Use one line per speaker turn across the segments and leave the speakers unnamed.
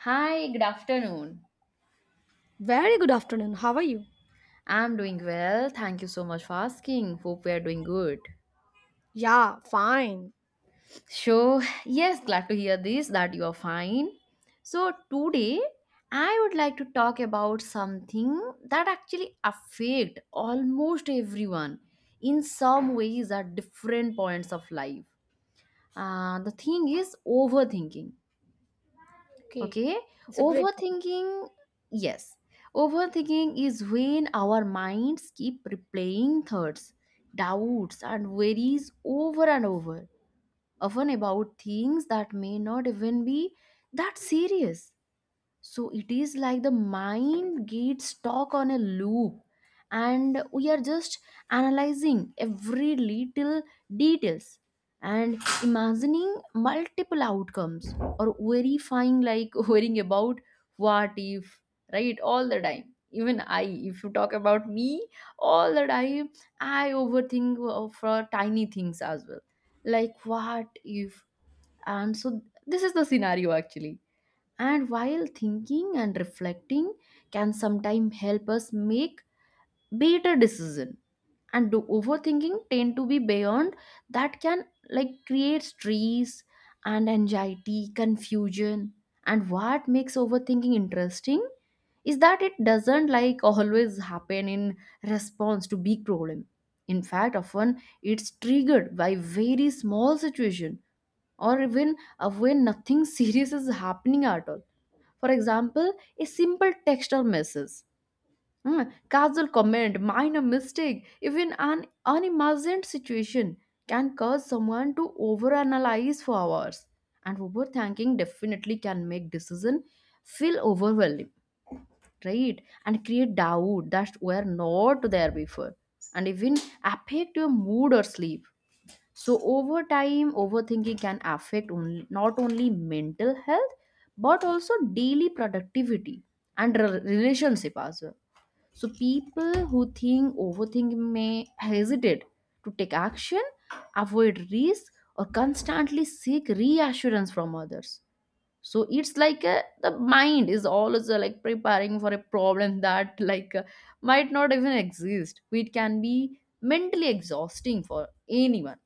Hi, good afternoon.
Very good afternoon. How are you?
I'm doing well. Thank you so much for asking. Hope we are doing good.
Yeah, fine.
So, yes, glad to hear this that you are fine. So, today I would like to talk about something that actually affect almost everyone in some ways at different points of life. The thing is overthinking.
Okay.
Okay,
It's a great topic.
overthinking, yes, overthinking is when our minds keep replaying thoughts, doubts and worries over and over, often about things that may not even be that serious. So it is like the mind gets stuck on a loop and we are just analyzing every little details and imagining multiple outcomes, or verifying like worrying about what if, right, all the time. Even I if you talk about me, all the time I overthink for tiny things as well, like what if, and so this is the scenario actually. And while thinking and reflecting can sometimes help us make better decision, and do overthinking tend to be beyond, that can like create stress and anxiety, confusion. And what makes overthinking interesting is that it doesn't like always happen in response to big problem. In fact, often it's triggered by very small situation, or even when nothing serious is happening at all. For example, a simple text or message, hmm, casual comment, minor mistake, even an unimagined situation can cause someone to overanalyze for hours. And overthinking definitely can make decision feel overwhelming, right? And create doubt that were not there before, and even affect your mood or sleep. So over time, overthinking can affect only, not only mental health but also daily productivity and relationship as well. So people who think overthinking may hesitate to take action, avoid risk, or constantly seek reassurance from others. So it's like a, the mind is always like preparing for a problem that might not even exist. It can be mentally exhausting for anyone.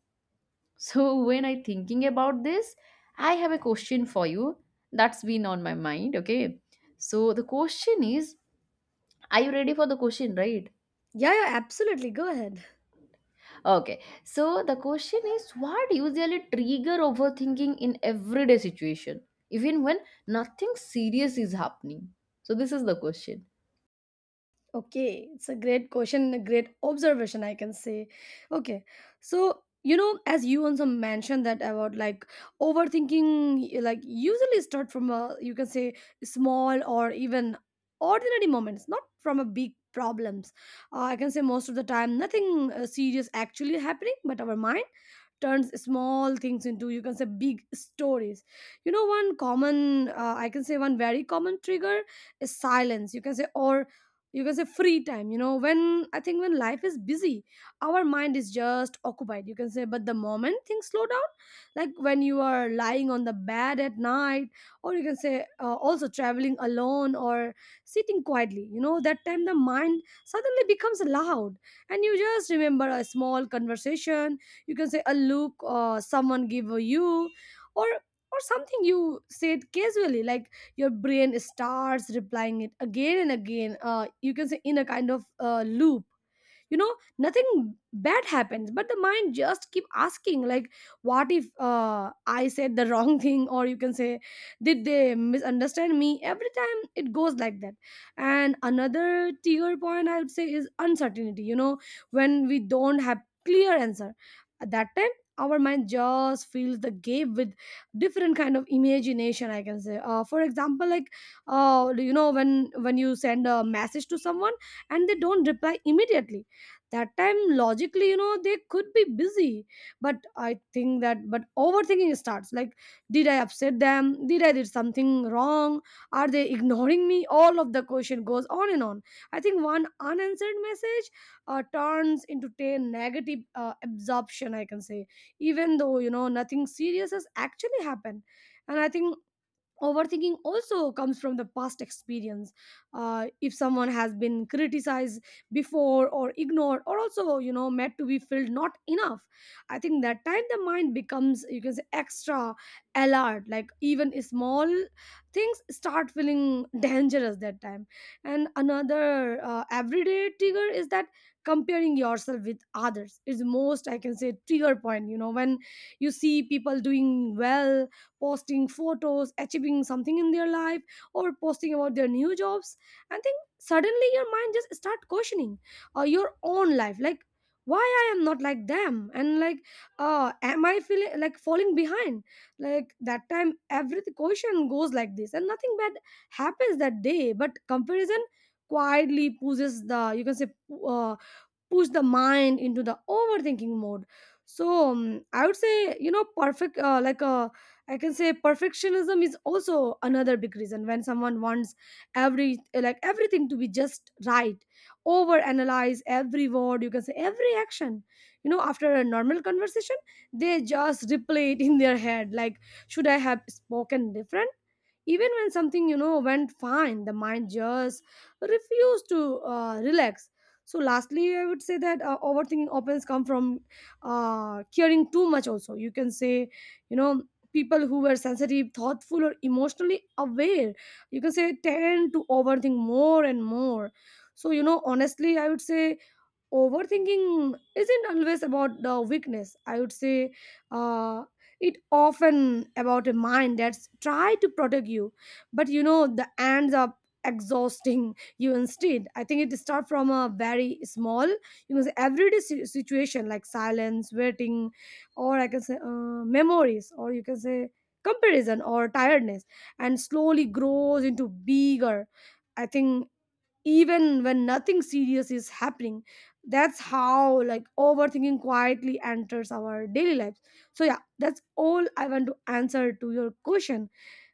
So when I thinking about this, I have a question for you that's been on my mind, okay? So the question is, are you ready for the question, right?
Yeah, yeah, absolutely. Go ahead.
Okay. So the question is, what usually trigger overthinking in everyday situation, even when nothing serious is happening? So this is the question.
Okay. It's a great question, a great observation, I can say. Okay. So, you know, as you also mentioned that about like overthinking, like usually start from a, you can say, small or even ordinary moments, not from a big problems. I can say most of the time, nothing serious actually happening, but our mind turns small things into you can say big stories. You know, one common I can say one very common trigger is silence, you can say, or you can say free time. You know, when I think when life is busy, our mind is just occupied, you can say, but the moment things slow down, like when you are lying on the bed at night, or you can say also traveling alone or sitting quietly, you know, that time the mind suddenly becomes loud and you just remember a small conversation, you can say, a look or someone give you, or or something you said casually, like your brain starts replying it again and again, you can say, in a kind of loop. You know, nothing bad happens, but the mind just keep asking like, what if I said the wrong thing, or you can say, did they misunderstand me? Every time it goes like that. And another trigger point, I would say, is uncertainty. You know, when we don't have clear answer, at that time our mind just fills the gap with different kind of imagination, I can say. For example, like you know, when you send a message to someone and they don't reply immediately, that time logically, you know, they could be busy, but I think that, but overthinking starts like, did I upset them? Did I did something wrong? Are they ignoring me? All of the question goes on and on. I think one unanswered message turns into 10 negative absorption, I can say, even though, you know, nothing serious has actually happened. And I think overthinking also comes from the past experience. Uh, if someone has been criticized before or ignored, or also, you know, made to be felt not enough, I think that time the mind becomes, you can say, extra alert, like even small things start feeling dangerous that time. And another everyday trigger is that comparing yourself with others is most, I can say, trigger point. You know, when you see people doing well, posting photos, achieving something in their life, or posting about their new jobs. And then suddenly your mind just start questioning your own life, like, why I am not like them, and like am I feeling like falling behind? Like that time, every question goes like this, and nothing bad happens that day. But comparison quietly pushes the, you can say, uh, push the mind into the overthinking mode. So I would say, you know, perfect like I can say perfectionism is also another big reason, when someone wants every, like everything to be just right, over analyze every word, you can say, every action. You know, after a normal conversation, they just replay it in their head, like, should I have spoken different? Even when something, you know, went fine, the mind just refused to relax. So lastly, I would say that overthinking often comes from caring too much, also you can say. You know, people who were sensitive, thoughtful, or emotionally aware, you can say, tend to overthink more and more. So, you know, honestly, I would say, overthinking isn't always about the weakness, I would say. Uh, it often about a mind that's try to protect you, but, you know, the ends up exhausting you. Instead, I think it start from a very small, you know, everyday situation like silence, waiting, or I can say memories, or you can say comparison, or tiredness, and slowly grows into bigger, I think, even when nothing serious is happening. That's how like overthinking quietly enters our daily lives. So yeah, that's all I want to answer to your question.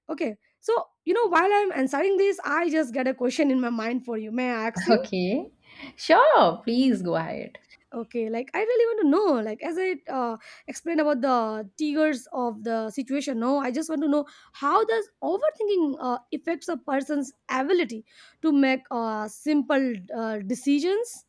Okay, so, you know, while I'm answering this, I just get a question in my mind for you. May I ask you?
Okay. Sure, please go ahead.
Okay, like I really want to know, like as I explained about the triggers of the situation, no, I just want to know, how does overthinking affects a person's ability to make simple decisions?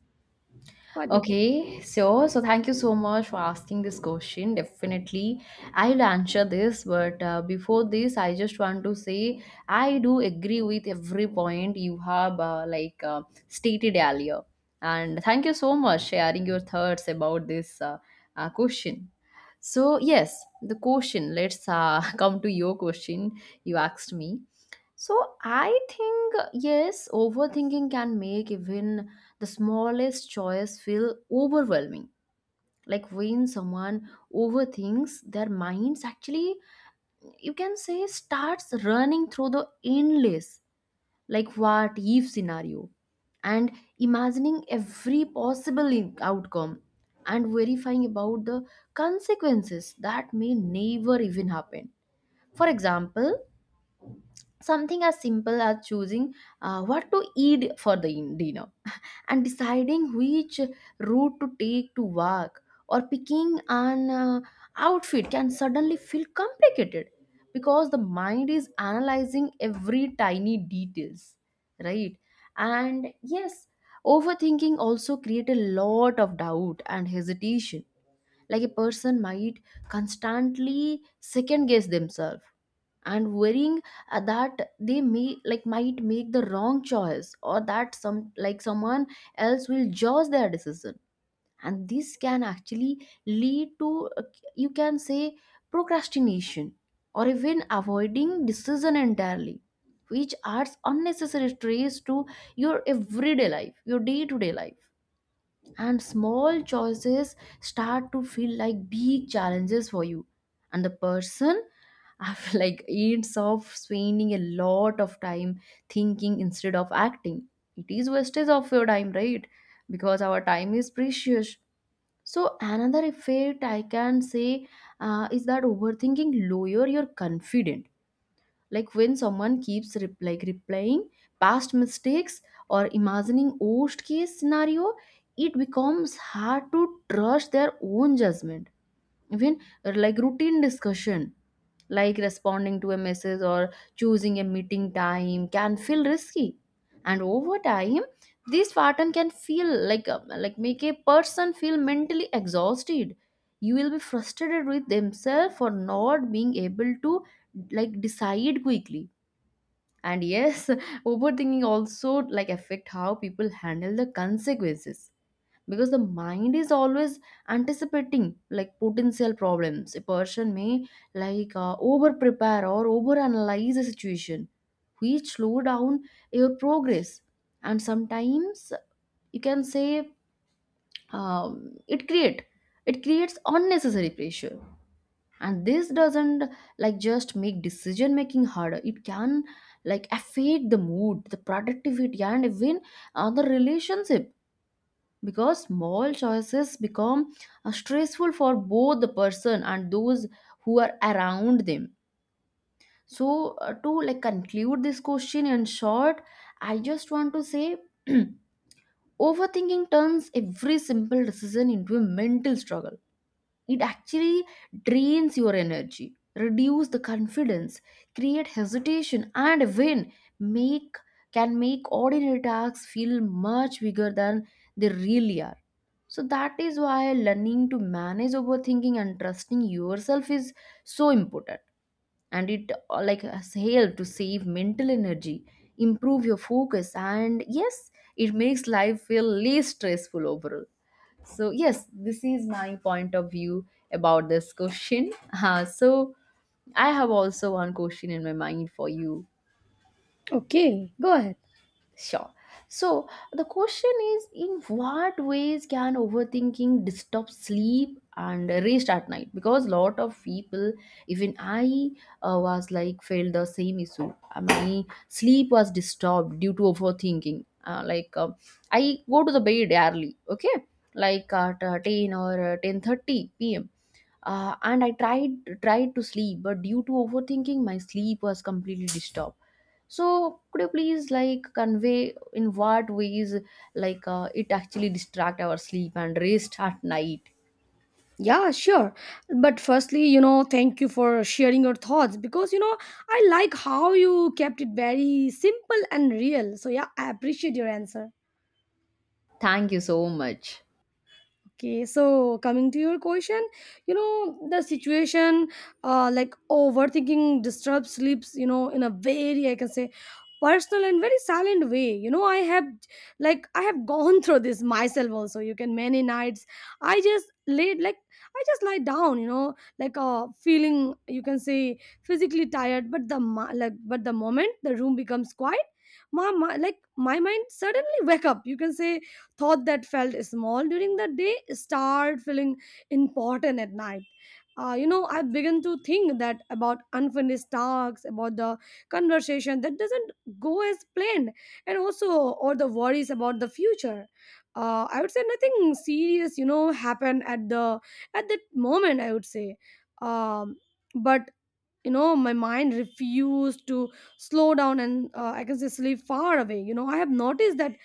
What do you think?
Okay, so thank you so much for asking this question. Definitely, I'll answer this. But before this, I just want to say I do agree with every point you have stated earlier, and thank you so much sharing your thoughts about this question. So yes, the question. Let's come to your question. You asked me. So I think yes, overthinking can make even the smallest choice feel overwhelming, like when someone overthinks, their minds actually, you can say, starts running through the endless like what if scenario, and imagining every possible outcome, and verifying about the consequences that may never even happen. For example, something as simple as choosing what to eat for the dinner, and deciding which route to take to work, or picking an outfit can suddenly feel complicated because the mind is analyzing every tiny details, right? And yes, overthinking also create a lot of doubt and hesitation. Like a person might constantly second guess themselves and worrying that they may like might make the wrong choice, or that someone else will judge their decision. And this can actually lead to, you can say, procrastination, or even avoiding decision entirely, which adds unnecessary stress to your everyday life, your day to day life. And small choices start to feel like big challenges for you, and the person after like ends up spending a lot of time thinking instead of acting. It is wastage of your time, right? Because our time is precious. So another effect I can say is that overthinking lower your confidence. Like when someone keeps replaying past mistakes or imagining worst case scenario, it becomes hard to trust their own judgment. Even like routine discussion, like responding to a message or choosing a meeting time, can feel risky. And over time, this pattern can feel like make a person feel mentally exhausted. You will be frustrated with themselves for not being able to like decide quickly. And yes, overthinking also like affect how people handle the consequences, because the mind is always anticipating like potential problems. A person may over prepare or over analyze a situation, which slow down your progress. And sometimes, you can say, um, it create it creates unnecessary pressure. And this doesn't like just make decision making harder. It can like affect the mood, the productivity, and even the relationship, because small choices become stressful for both the person and those who are around them. So to like conclude this question in short, I just want to say overthinking turns every simple decision into a mental struggle. It actually drains your energy, reduce the confidence, create hesitation, and when make can make ordinary tasks feel much bigger than they really are. So that is why learning to manage overthinking and trusting yourself is so important. And it like has helped to save mental energy, improve your focus, and yes, it makes life feel less stressful overall. So, yes, this is my point of view about this question. Uh, so, I have also one question in my mind for you.
Okay, go ahead.
Sure. So the question is, in what ways can overthinking disturb sleep and rest at night? Because a lot of people, even I was like felt the same issue. My sleep was disturbed due to overthinking. I go to the bed early, okay? Like at 10 or 10:30 p.m. And I tried to sleep, but due to overthinking, my sleep was completely disturbed. So could you please like convey in what ways it actually distract our sleep and rest at night?
Yeah, sure. But firstly, you know, thank you for sharing your thoughts because, you know, I like how you kept it very simple and real. So, yeah, I appreciate your answer.
Thank you so much.
Okay, so coming to your question, you know, the situation like overthinking disturbs sleeps, you know, in a very, I can say, personal and very silent way. You know, I have like, I have gone through this myself also. You can, many nights, I just laid like, I just lie down, you know, like feeling, you can say, physically tired, but the, like, but the moment the room becomes quiet, my my mind suddenly wake up, you can say, thought that felt small during the day start feeling important at night. You know, I began to think that about unfinished tasks, about the conversation that doesn't go as planned, and also, or the worries about the future. I would say nothing serious, you know, happened at the at that moment, I would say. um, but, you know, my mind refused to slow down, and I can say sleep far away. You know, I have noticed that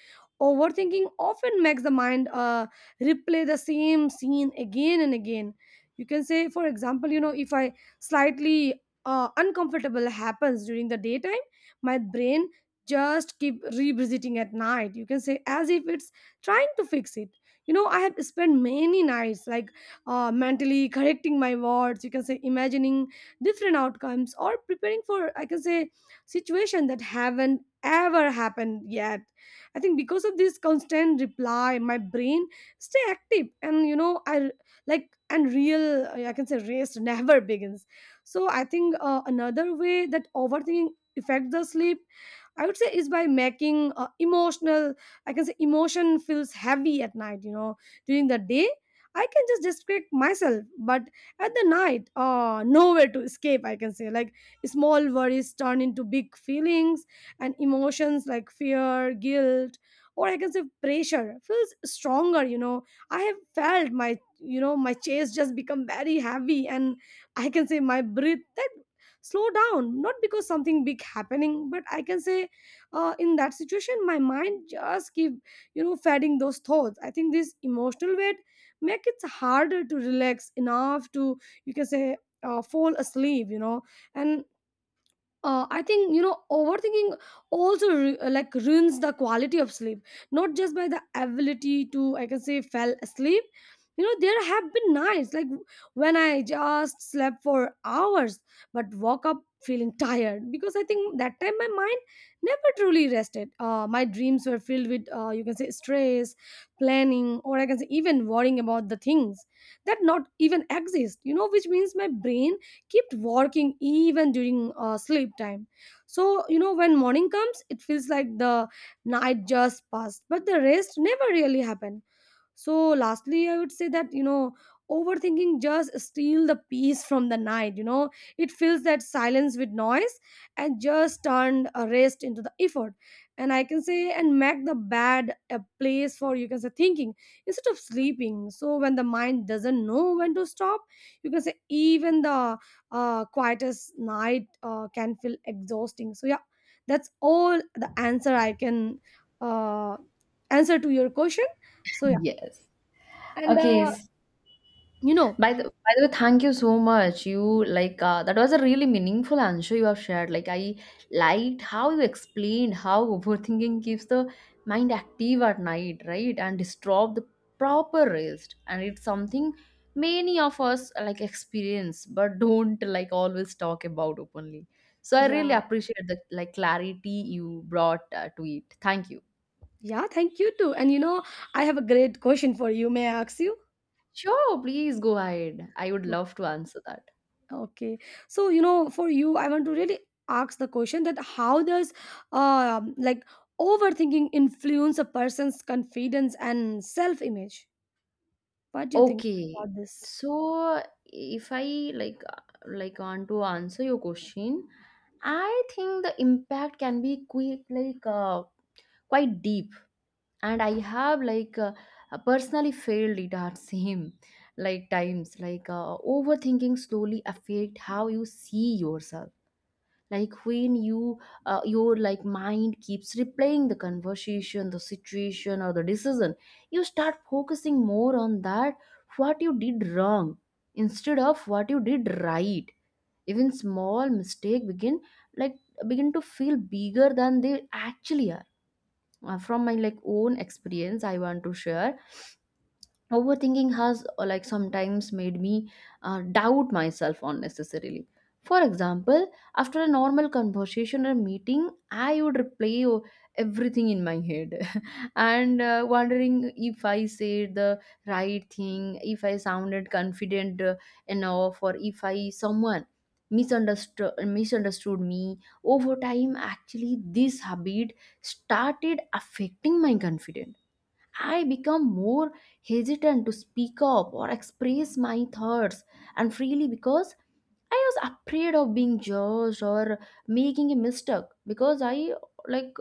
overthinking often makes the mind replay the same scene again and again, you can say. For example, you know, if I slightly uncomfortable happens during the daytime, my brain just keep revisiting at night, you can say, as if it's trying to fix it. You know, I have spent many nights like mentally correcting my words, you can say, imagining different outcomes, or preparing for, I can say, situation that haven't ever happened yet. I think because of this constant reply, my brain stay active, and you know I like, and real I can say race never begins. So I think another way that overthinking affects the sleep, I would say, is by making emotional, I can say emotion feels heavy at night. You know, during the day I can just distract myself, but at the night, nowhere to escape, I can say. Like small worries turn into big feelings, and emotions like fear, guilt, or I can say pressure feels stronger, you know. I have felt my, you know, my chest just become very heavy, and I can say my breath that slow down, not because something big happening, but I can say in that situation my mind just keep, you know, fading those thoughts. I think this emotional weight make it harder to relax enough to, you can say, fall asleep, you know. And I think, you know, overthinking also like ruins the quality of sleep, not just by the ability to, I can say, fell asleep. You know, there have been nights like when I just slept for hours but woke up feeling tired because I think that time my mind never truly rested. My dreams were filled with you can say stress, planning, or I can say even worrying about the things that not even exist. You know, which means my brain kept working even during sleep time. So, you know, when morning comes, it feels like the night just passed, but the rest never really happened. So lastly, I would say that, you know, overthinking just steal the peace from the night. You know, it fills that silence with noise, and just turned a rest into the effort, and I can say, and make the bed a place for, you can say, thinking instead of sleeping. So when the mind doesn't know when to stop, you can say, even the quietest night can feel exhausting. So yeah, that's all the answer I can uh, answer to your question. So yeah,
Yes.
and
Okay.
you know,
By the way, thank you so much. You that was a really meaningful answer you have shared. Like I liked how you explained how overthinking keeps the mind active at night, right, and disturb the proper rest. And it's something many of us like experience, but don't like always talk about openly. So I
yeah,
really appreciate the like clarity you brought to it. Thank you.
yeah, thank you too. And you know, I have a great question for you. May I ask you?
Sure, please go ahead. I would
O-
love to answer that.
Okay. So, you know, for you, I want to really ask the question that how does like overthinking influence a person's confidence and self-image? What do you think
Okay.
about this?
So if I want to answer your question, I think the impact can be quick like quite deep. And I have personally failed it at same like times, overthinking slowly affect how you see yourself. Like when you your like mind keeps replaying the conversation, the situation or the decision, you start focusing more on that what you did wrong instead of what you did right. Even small mistake like begin to feel bigger than they actually are. From my like own experience I want to share, overthinking has like sometimes made me doubt myself unnecessarily. For example, after a normal conversation or meeting, I would replay everything in my head and wondering if I said the right thing, if I sounded confident enough, or if I someone misunderstood me. Over time, actually this habit started affecting my confidence. I become more hesitant to speak up or express my thoughts and freely, because I was afraid of being judged or making a mistake, because I like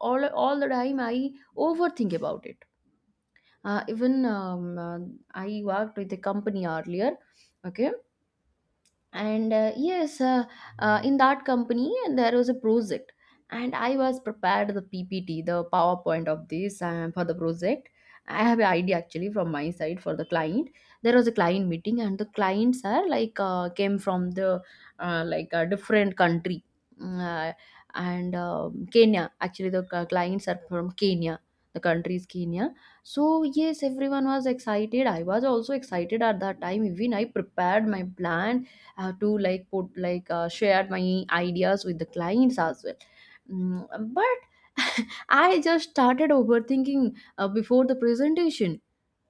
all the time I overthink about it. Even I worked with a company earlier, okay, and in that company there was a project, and I was prepared the PPT, the PowerPoint of this for the project. I have an idea actually from my side for the client. There was a client meeting, and the clients are came from the a different country. Mm, and Kenya, actually the clients are from Kenya, the country is Kenya. So yes, everyone was excited, I was also excited at that time, even I prepared my plan. I have to like put like shared my ideas with the clients as well. Mm, but I just started overthinking before the presentation.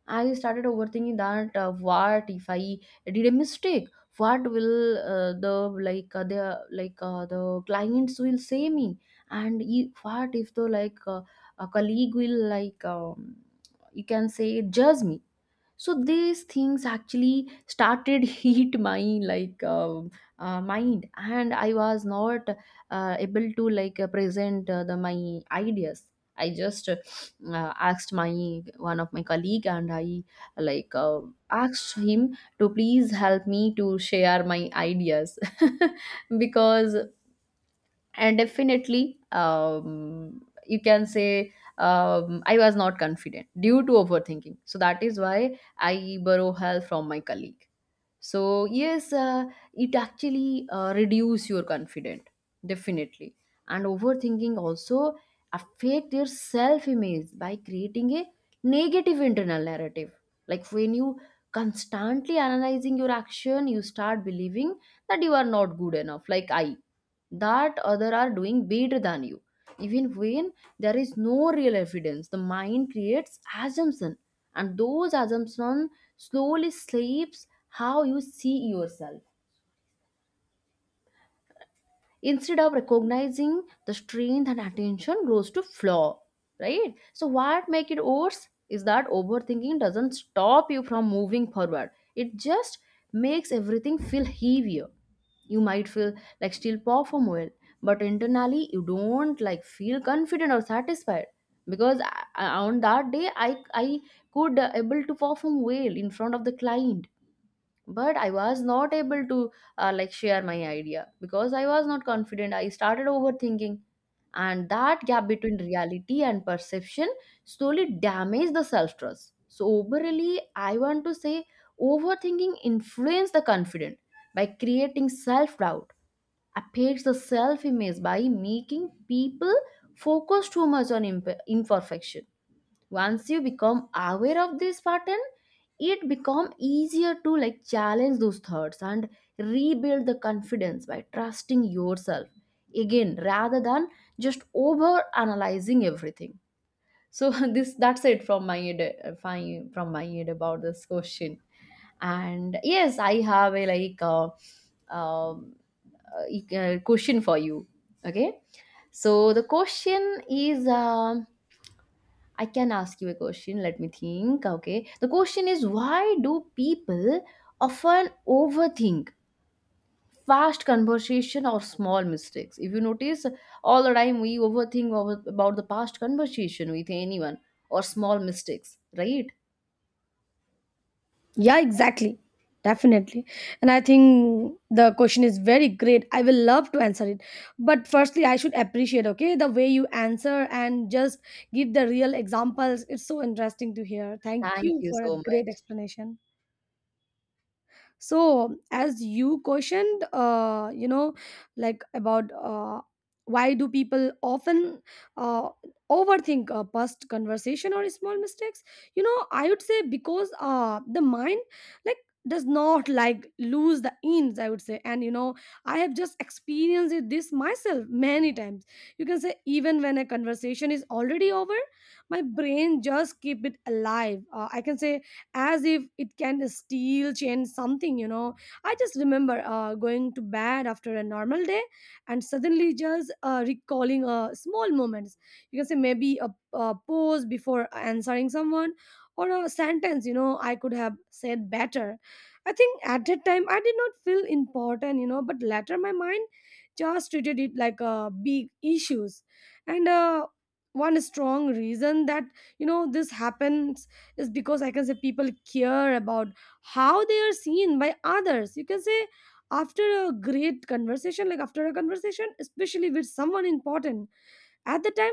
I started overthinking that what if I did a mistake? What will the clients will say me? And if, what if the like a colleague will you can say judge me? So these things actually started hit my like um mind, and I was not able to present the my ideas. I just asked my one of my colleague, and I like uh, asked him to please help me to share my ideas because and definitely, you can say, I was not confident due to overthinking, so that is why I borrow help from my colleague. So yes, it actually reduce your confidence, definitely, and overthinking also affect your self image by creating a negative internal narrative. Like when you constantly analyzing your action, you start believing that you are not good enough, like I that other are doing better than you, even when there is no real evidence. The mind creates assumption, and those assumptions slowly shapes how you see yourself. Instead of recognizing the strength and attention goes to flaw, right? So what make it worse is that overthinking doesn't stop you from moving forward. It just makes everything feel heavier. You might feel like still perform well, but internally you don't like feel confident or satisfied. Because on that day, I could able to perform well in front of the client, but I was not able to like share my idea, because I was not confident. I started overthinking, and that gap between reality and perception slowly damaged the self trust. So overly, I want to say overthinking influences the confident by creating self doubt, affects the self image by making people focus too much on imperfection. Once you become aware of this pattern, it become easier to like challenge those thoughts and rebuild the confidence by trusting yourself, again, rather than just over analyzing everything. So this that's it from my end, from my end about this question. And yes, I have a um, question for you. Okay. So the question is, I can ask you a question. Let me think. Okay. The question is, why do people often overthink fast conversation or small mistakes? If you notice, all the time we overthink over, about the past conversation with anyone or small mistakes, right?
Yeah, exactly. Definitely. And I think the question is very great. I will love to answer it. But firstly, I should appreciate, okay, the way you answer and just give the real examples. It's so interesting to hear. Thank
Thank
you
you
for a
so
great
much.
explanation. So as you questioned, you know like about why do people often uh, overthink past conversation or small mistakes? You know, I would say because the mind, like, does not like lose the ends, I would say. And you know, I have just experienced it this myself many times. You can say even when a conversation is already over, my brain just keep it alive, I can say, as if it can steal change something, you know. I just remember going to bed after a normal day and suddenly just recalling small moments. You can say maybe a pause before answering someone, or a sentence, you know, I could have said better. I think at that time I did not feel important, you know, but later my mind just treated it like a big issues. And one strong reason that, you know, this happened is because, I can say, people care about how they are seen by others. You can say after a great conversation, like after a conversation, especially with someone important, at the time,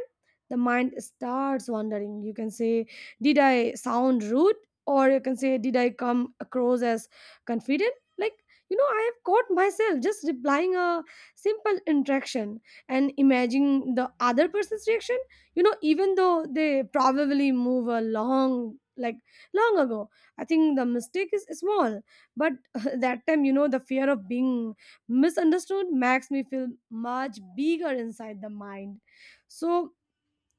the mind starts wondering. You can say, did I sound rude? Or you can say, did I come across as confident? Like, you know, I have caught myself just replying a simple interaction and imagining the other person's reaction, you know, even though they probably move a long, like, long ago. I think the mistake is small, but that time, you know, the fear of being misunderstood makes me feel much bigger inside the mind. So,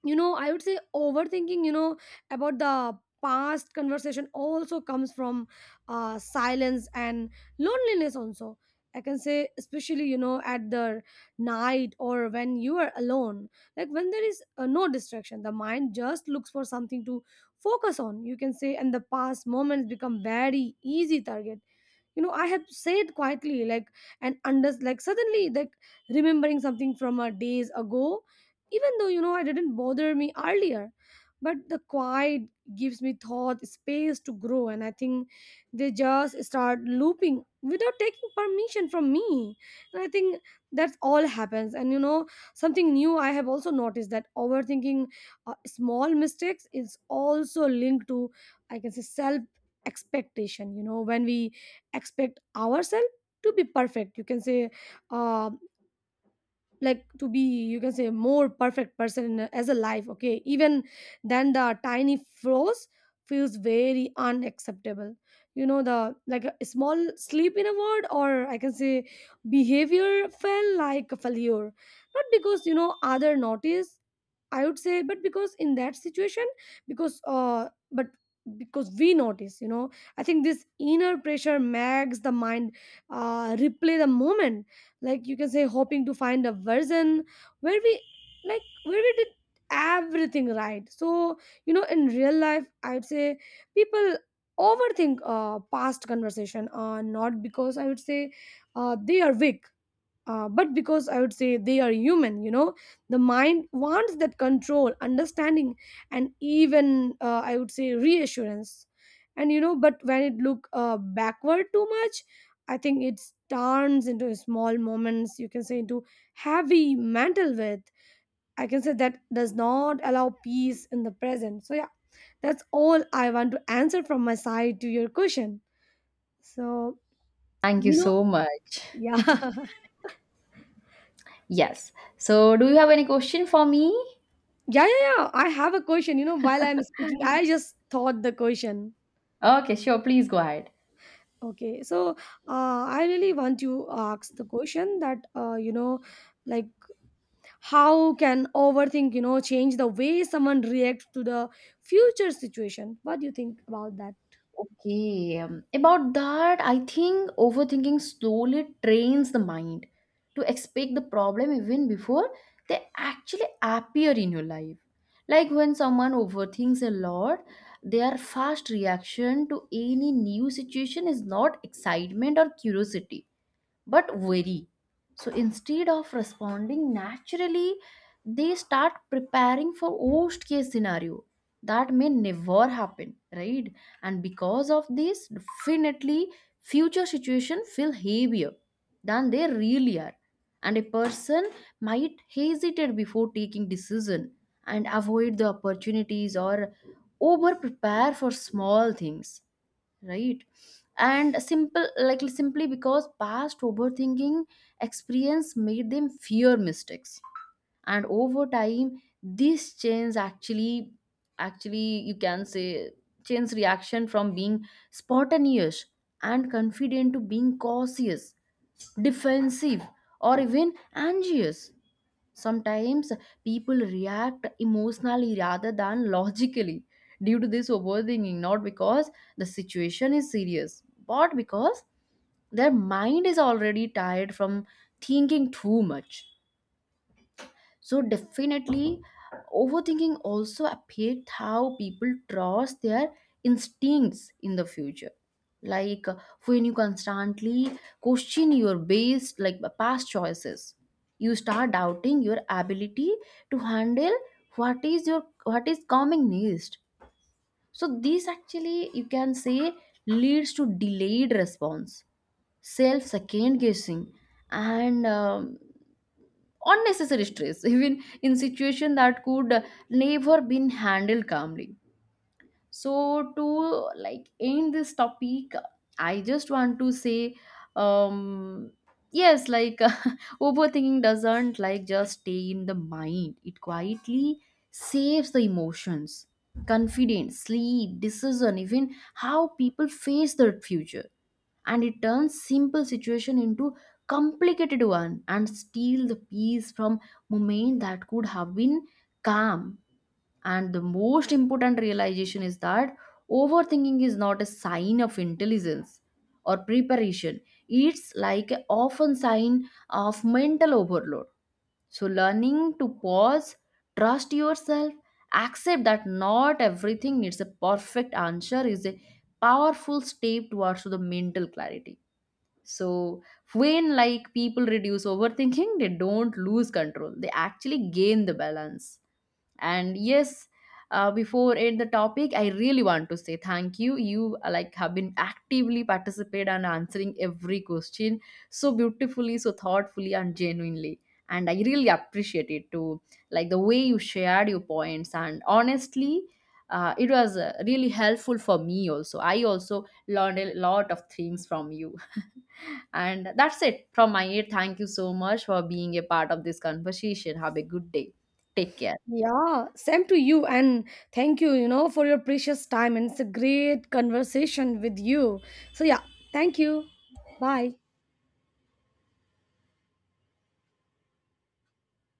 you know, I would say overthinking, you know, about the past conversation also comes from silence and loneliness also, I can say. Especially, you know, at the night or when you are alone, like when there is no distraction, the mind just looks for something to focus on, you can say, and the past moments become very easy target. You know, I have said quietly, like, and under, like, suddenly, like, remembering something from a days ago, even though, you know, I didn't bother me earlier. But the quiet gives me thought space to grow, and I think they just start looping without taking permission from me. And I think that's all happens. And you know, something new I have also noticed that overthinking small mistakes is also linked to, I can say, self expectation. You know, when we expect ourselves to be perfect, you can say, um like to be, you can say, more perfect person in as a life, okay, even then the tiny flaws feels very unacceptable. You know, the, like, a small sleep in a word, or I can say behavior, felt like a failure, not because, you know, other notice, I would say, but because in that situation, because but because we notice, you know, I think this inner pressure makes the mind replay the moment, like, you can say, hoping to find a version where we, like, where we did everything right. So you know, in real life, I would say people overthink past conversation, not because, I would say, they are weak, but because, I would say, they are human. You know, the mind wants that control, understanding, and even, I would say, reassurance. And you know, but when it look backward too much, I think it turns into small moments. You can say into heavy mental weight, I can say, that does not allow peace in the present. So yeah, that's all I want to answer from my side to your question. So
Thank you
you know,
so much.
yeah.
Yes. So, do you have any question for me?
Yeah, yeah, yeah. I have a question. You know, while I'm speaking, I just thought the question.
Okay, sure. Please go ahead.
Okay, so I really want to ask the question that, you know, like, how can overthink, you know, change the way someone reacts to the future situation? What do you think about that?
Okay, about that, I think overthinking slowly trains the mind to expect the problem even before they actually appear in your life. Like when someone overthinks a lot, their fast reaction to any new situation is not excitement or curiosity, but very. So instead of responding naturally, they start preparing for worst case scenario that may never happen, right? And because of this, definitely, future situation feel heavier than they really are. And a person might hesitate before taking decision and avoid the opportunities or over prepare for small things, right? And simple like simply because past overthinking experience made them fear mistakes, and over time this change actually, you can say, change reaction from being spontaneous and confident to being cautious, defensive, or even anxious. Sometimes people react emotionally rather than logically due to this overthinking, not because the situation is serious, but because their mind is already tired from thinking too much. So definitely, overthinking also affect how people trust their instincts in the future. Like uh, when you constantly question your base, past choices, you start doubting your ability to handle what is coming next. So this, actually, you can say, leads to delayed response, self second guessing, and unnecessary stress even in situation that could never been handled calmly. So to like end this topic, I just want to say, um yes, like overthinking doesn't like just stay in the mind. It quietly saves the emotions, confidence, sleep, decision, even how people face their future, and it turns simple situation into complicated one and steal the peace from moment that could have been calm. And the most important realization is that overthinking is not a sign of intelligence or preparation. It's like a often sign of mental overload. So learning to pause, trust yourself, accept that not everything needs a perfect answer is a powerful step towards the mental clarity. So, when like people reduce overthinking, they don't lose control. They actually gain the balance. And yes, before end the topic, I really want to say thank you. You like have been actively participate and answering every question so beautifully, so thoughtfully, and genuinely, and I really appreciate it too, like the way you shared your points, and honestly, it was really helpful for me. Also, I also learned a lot of things from you. And that's it from my end. Thank you so much for being a part of this conversation. Have a good day. Take care.
Yeah, same to you, and thank you, you know, for your precious time. And it's a great conversation with you. So yeah, thank you. Bye.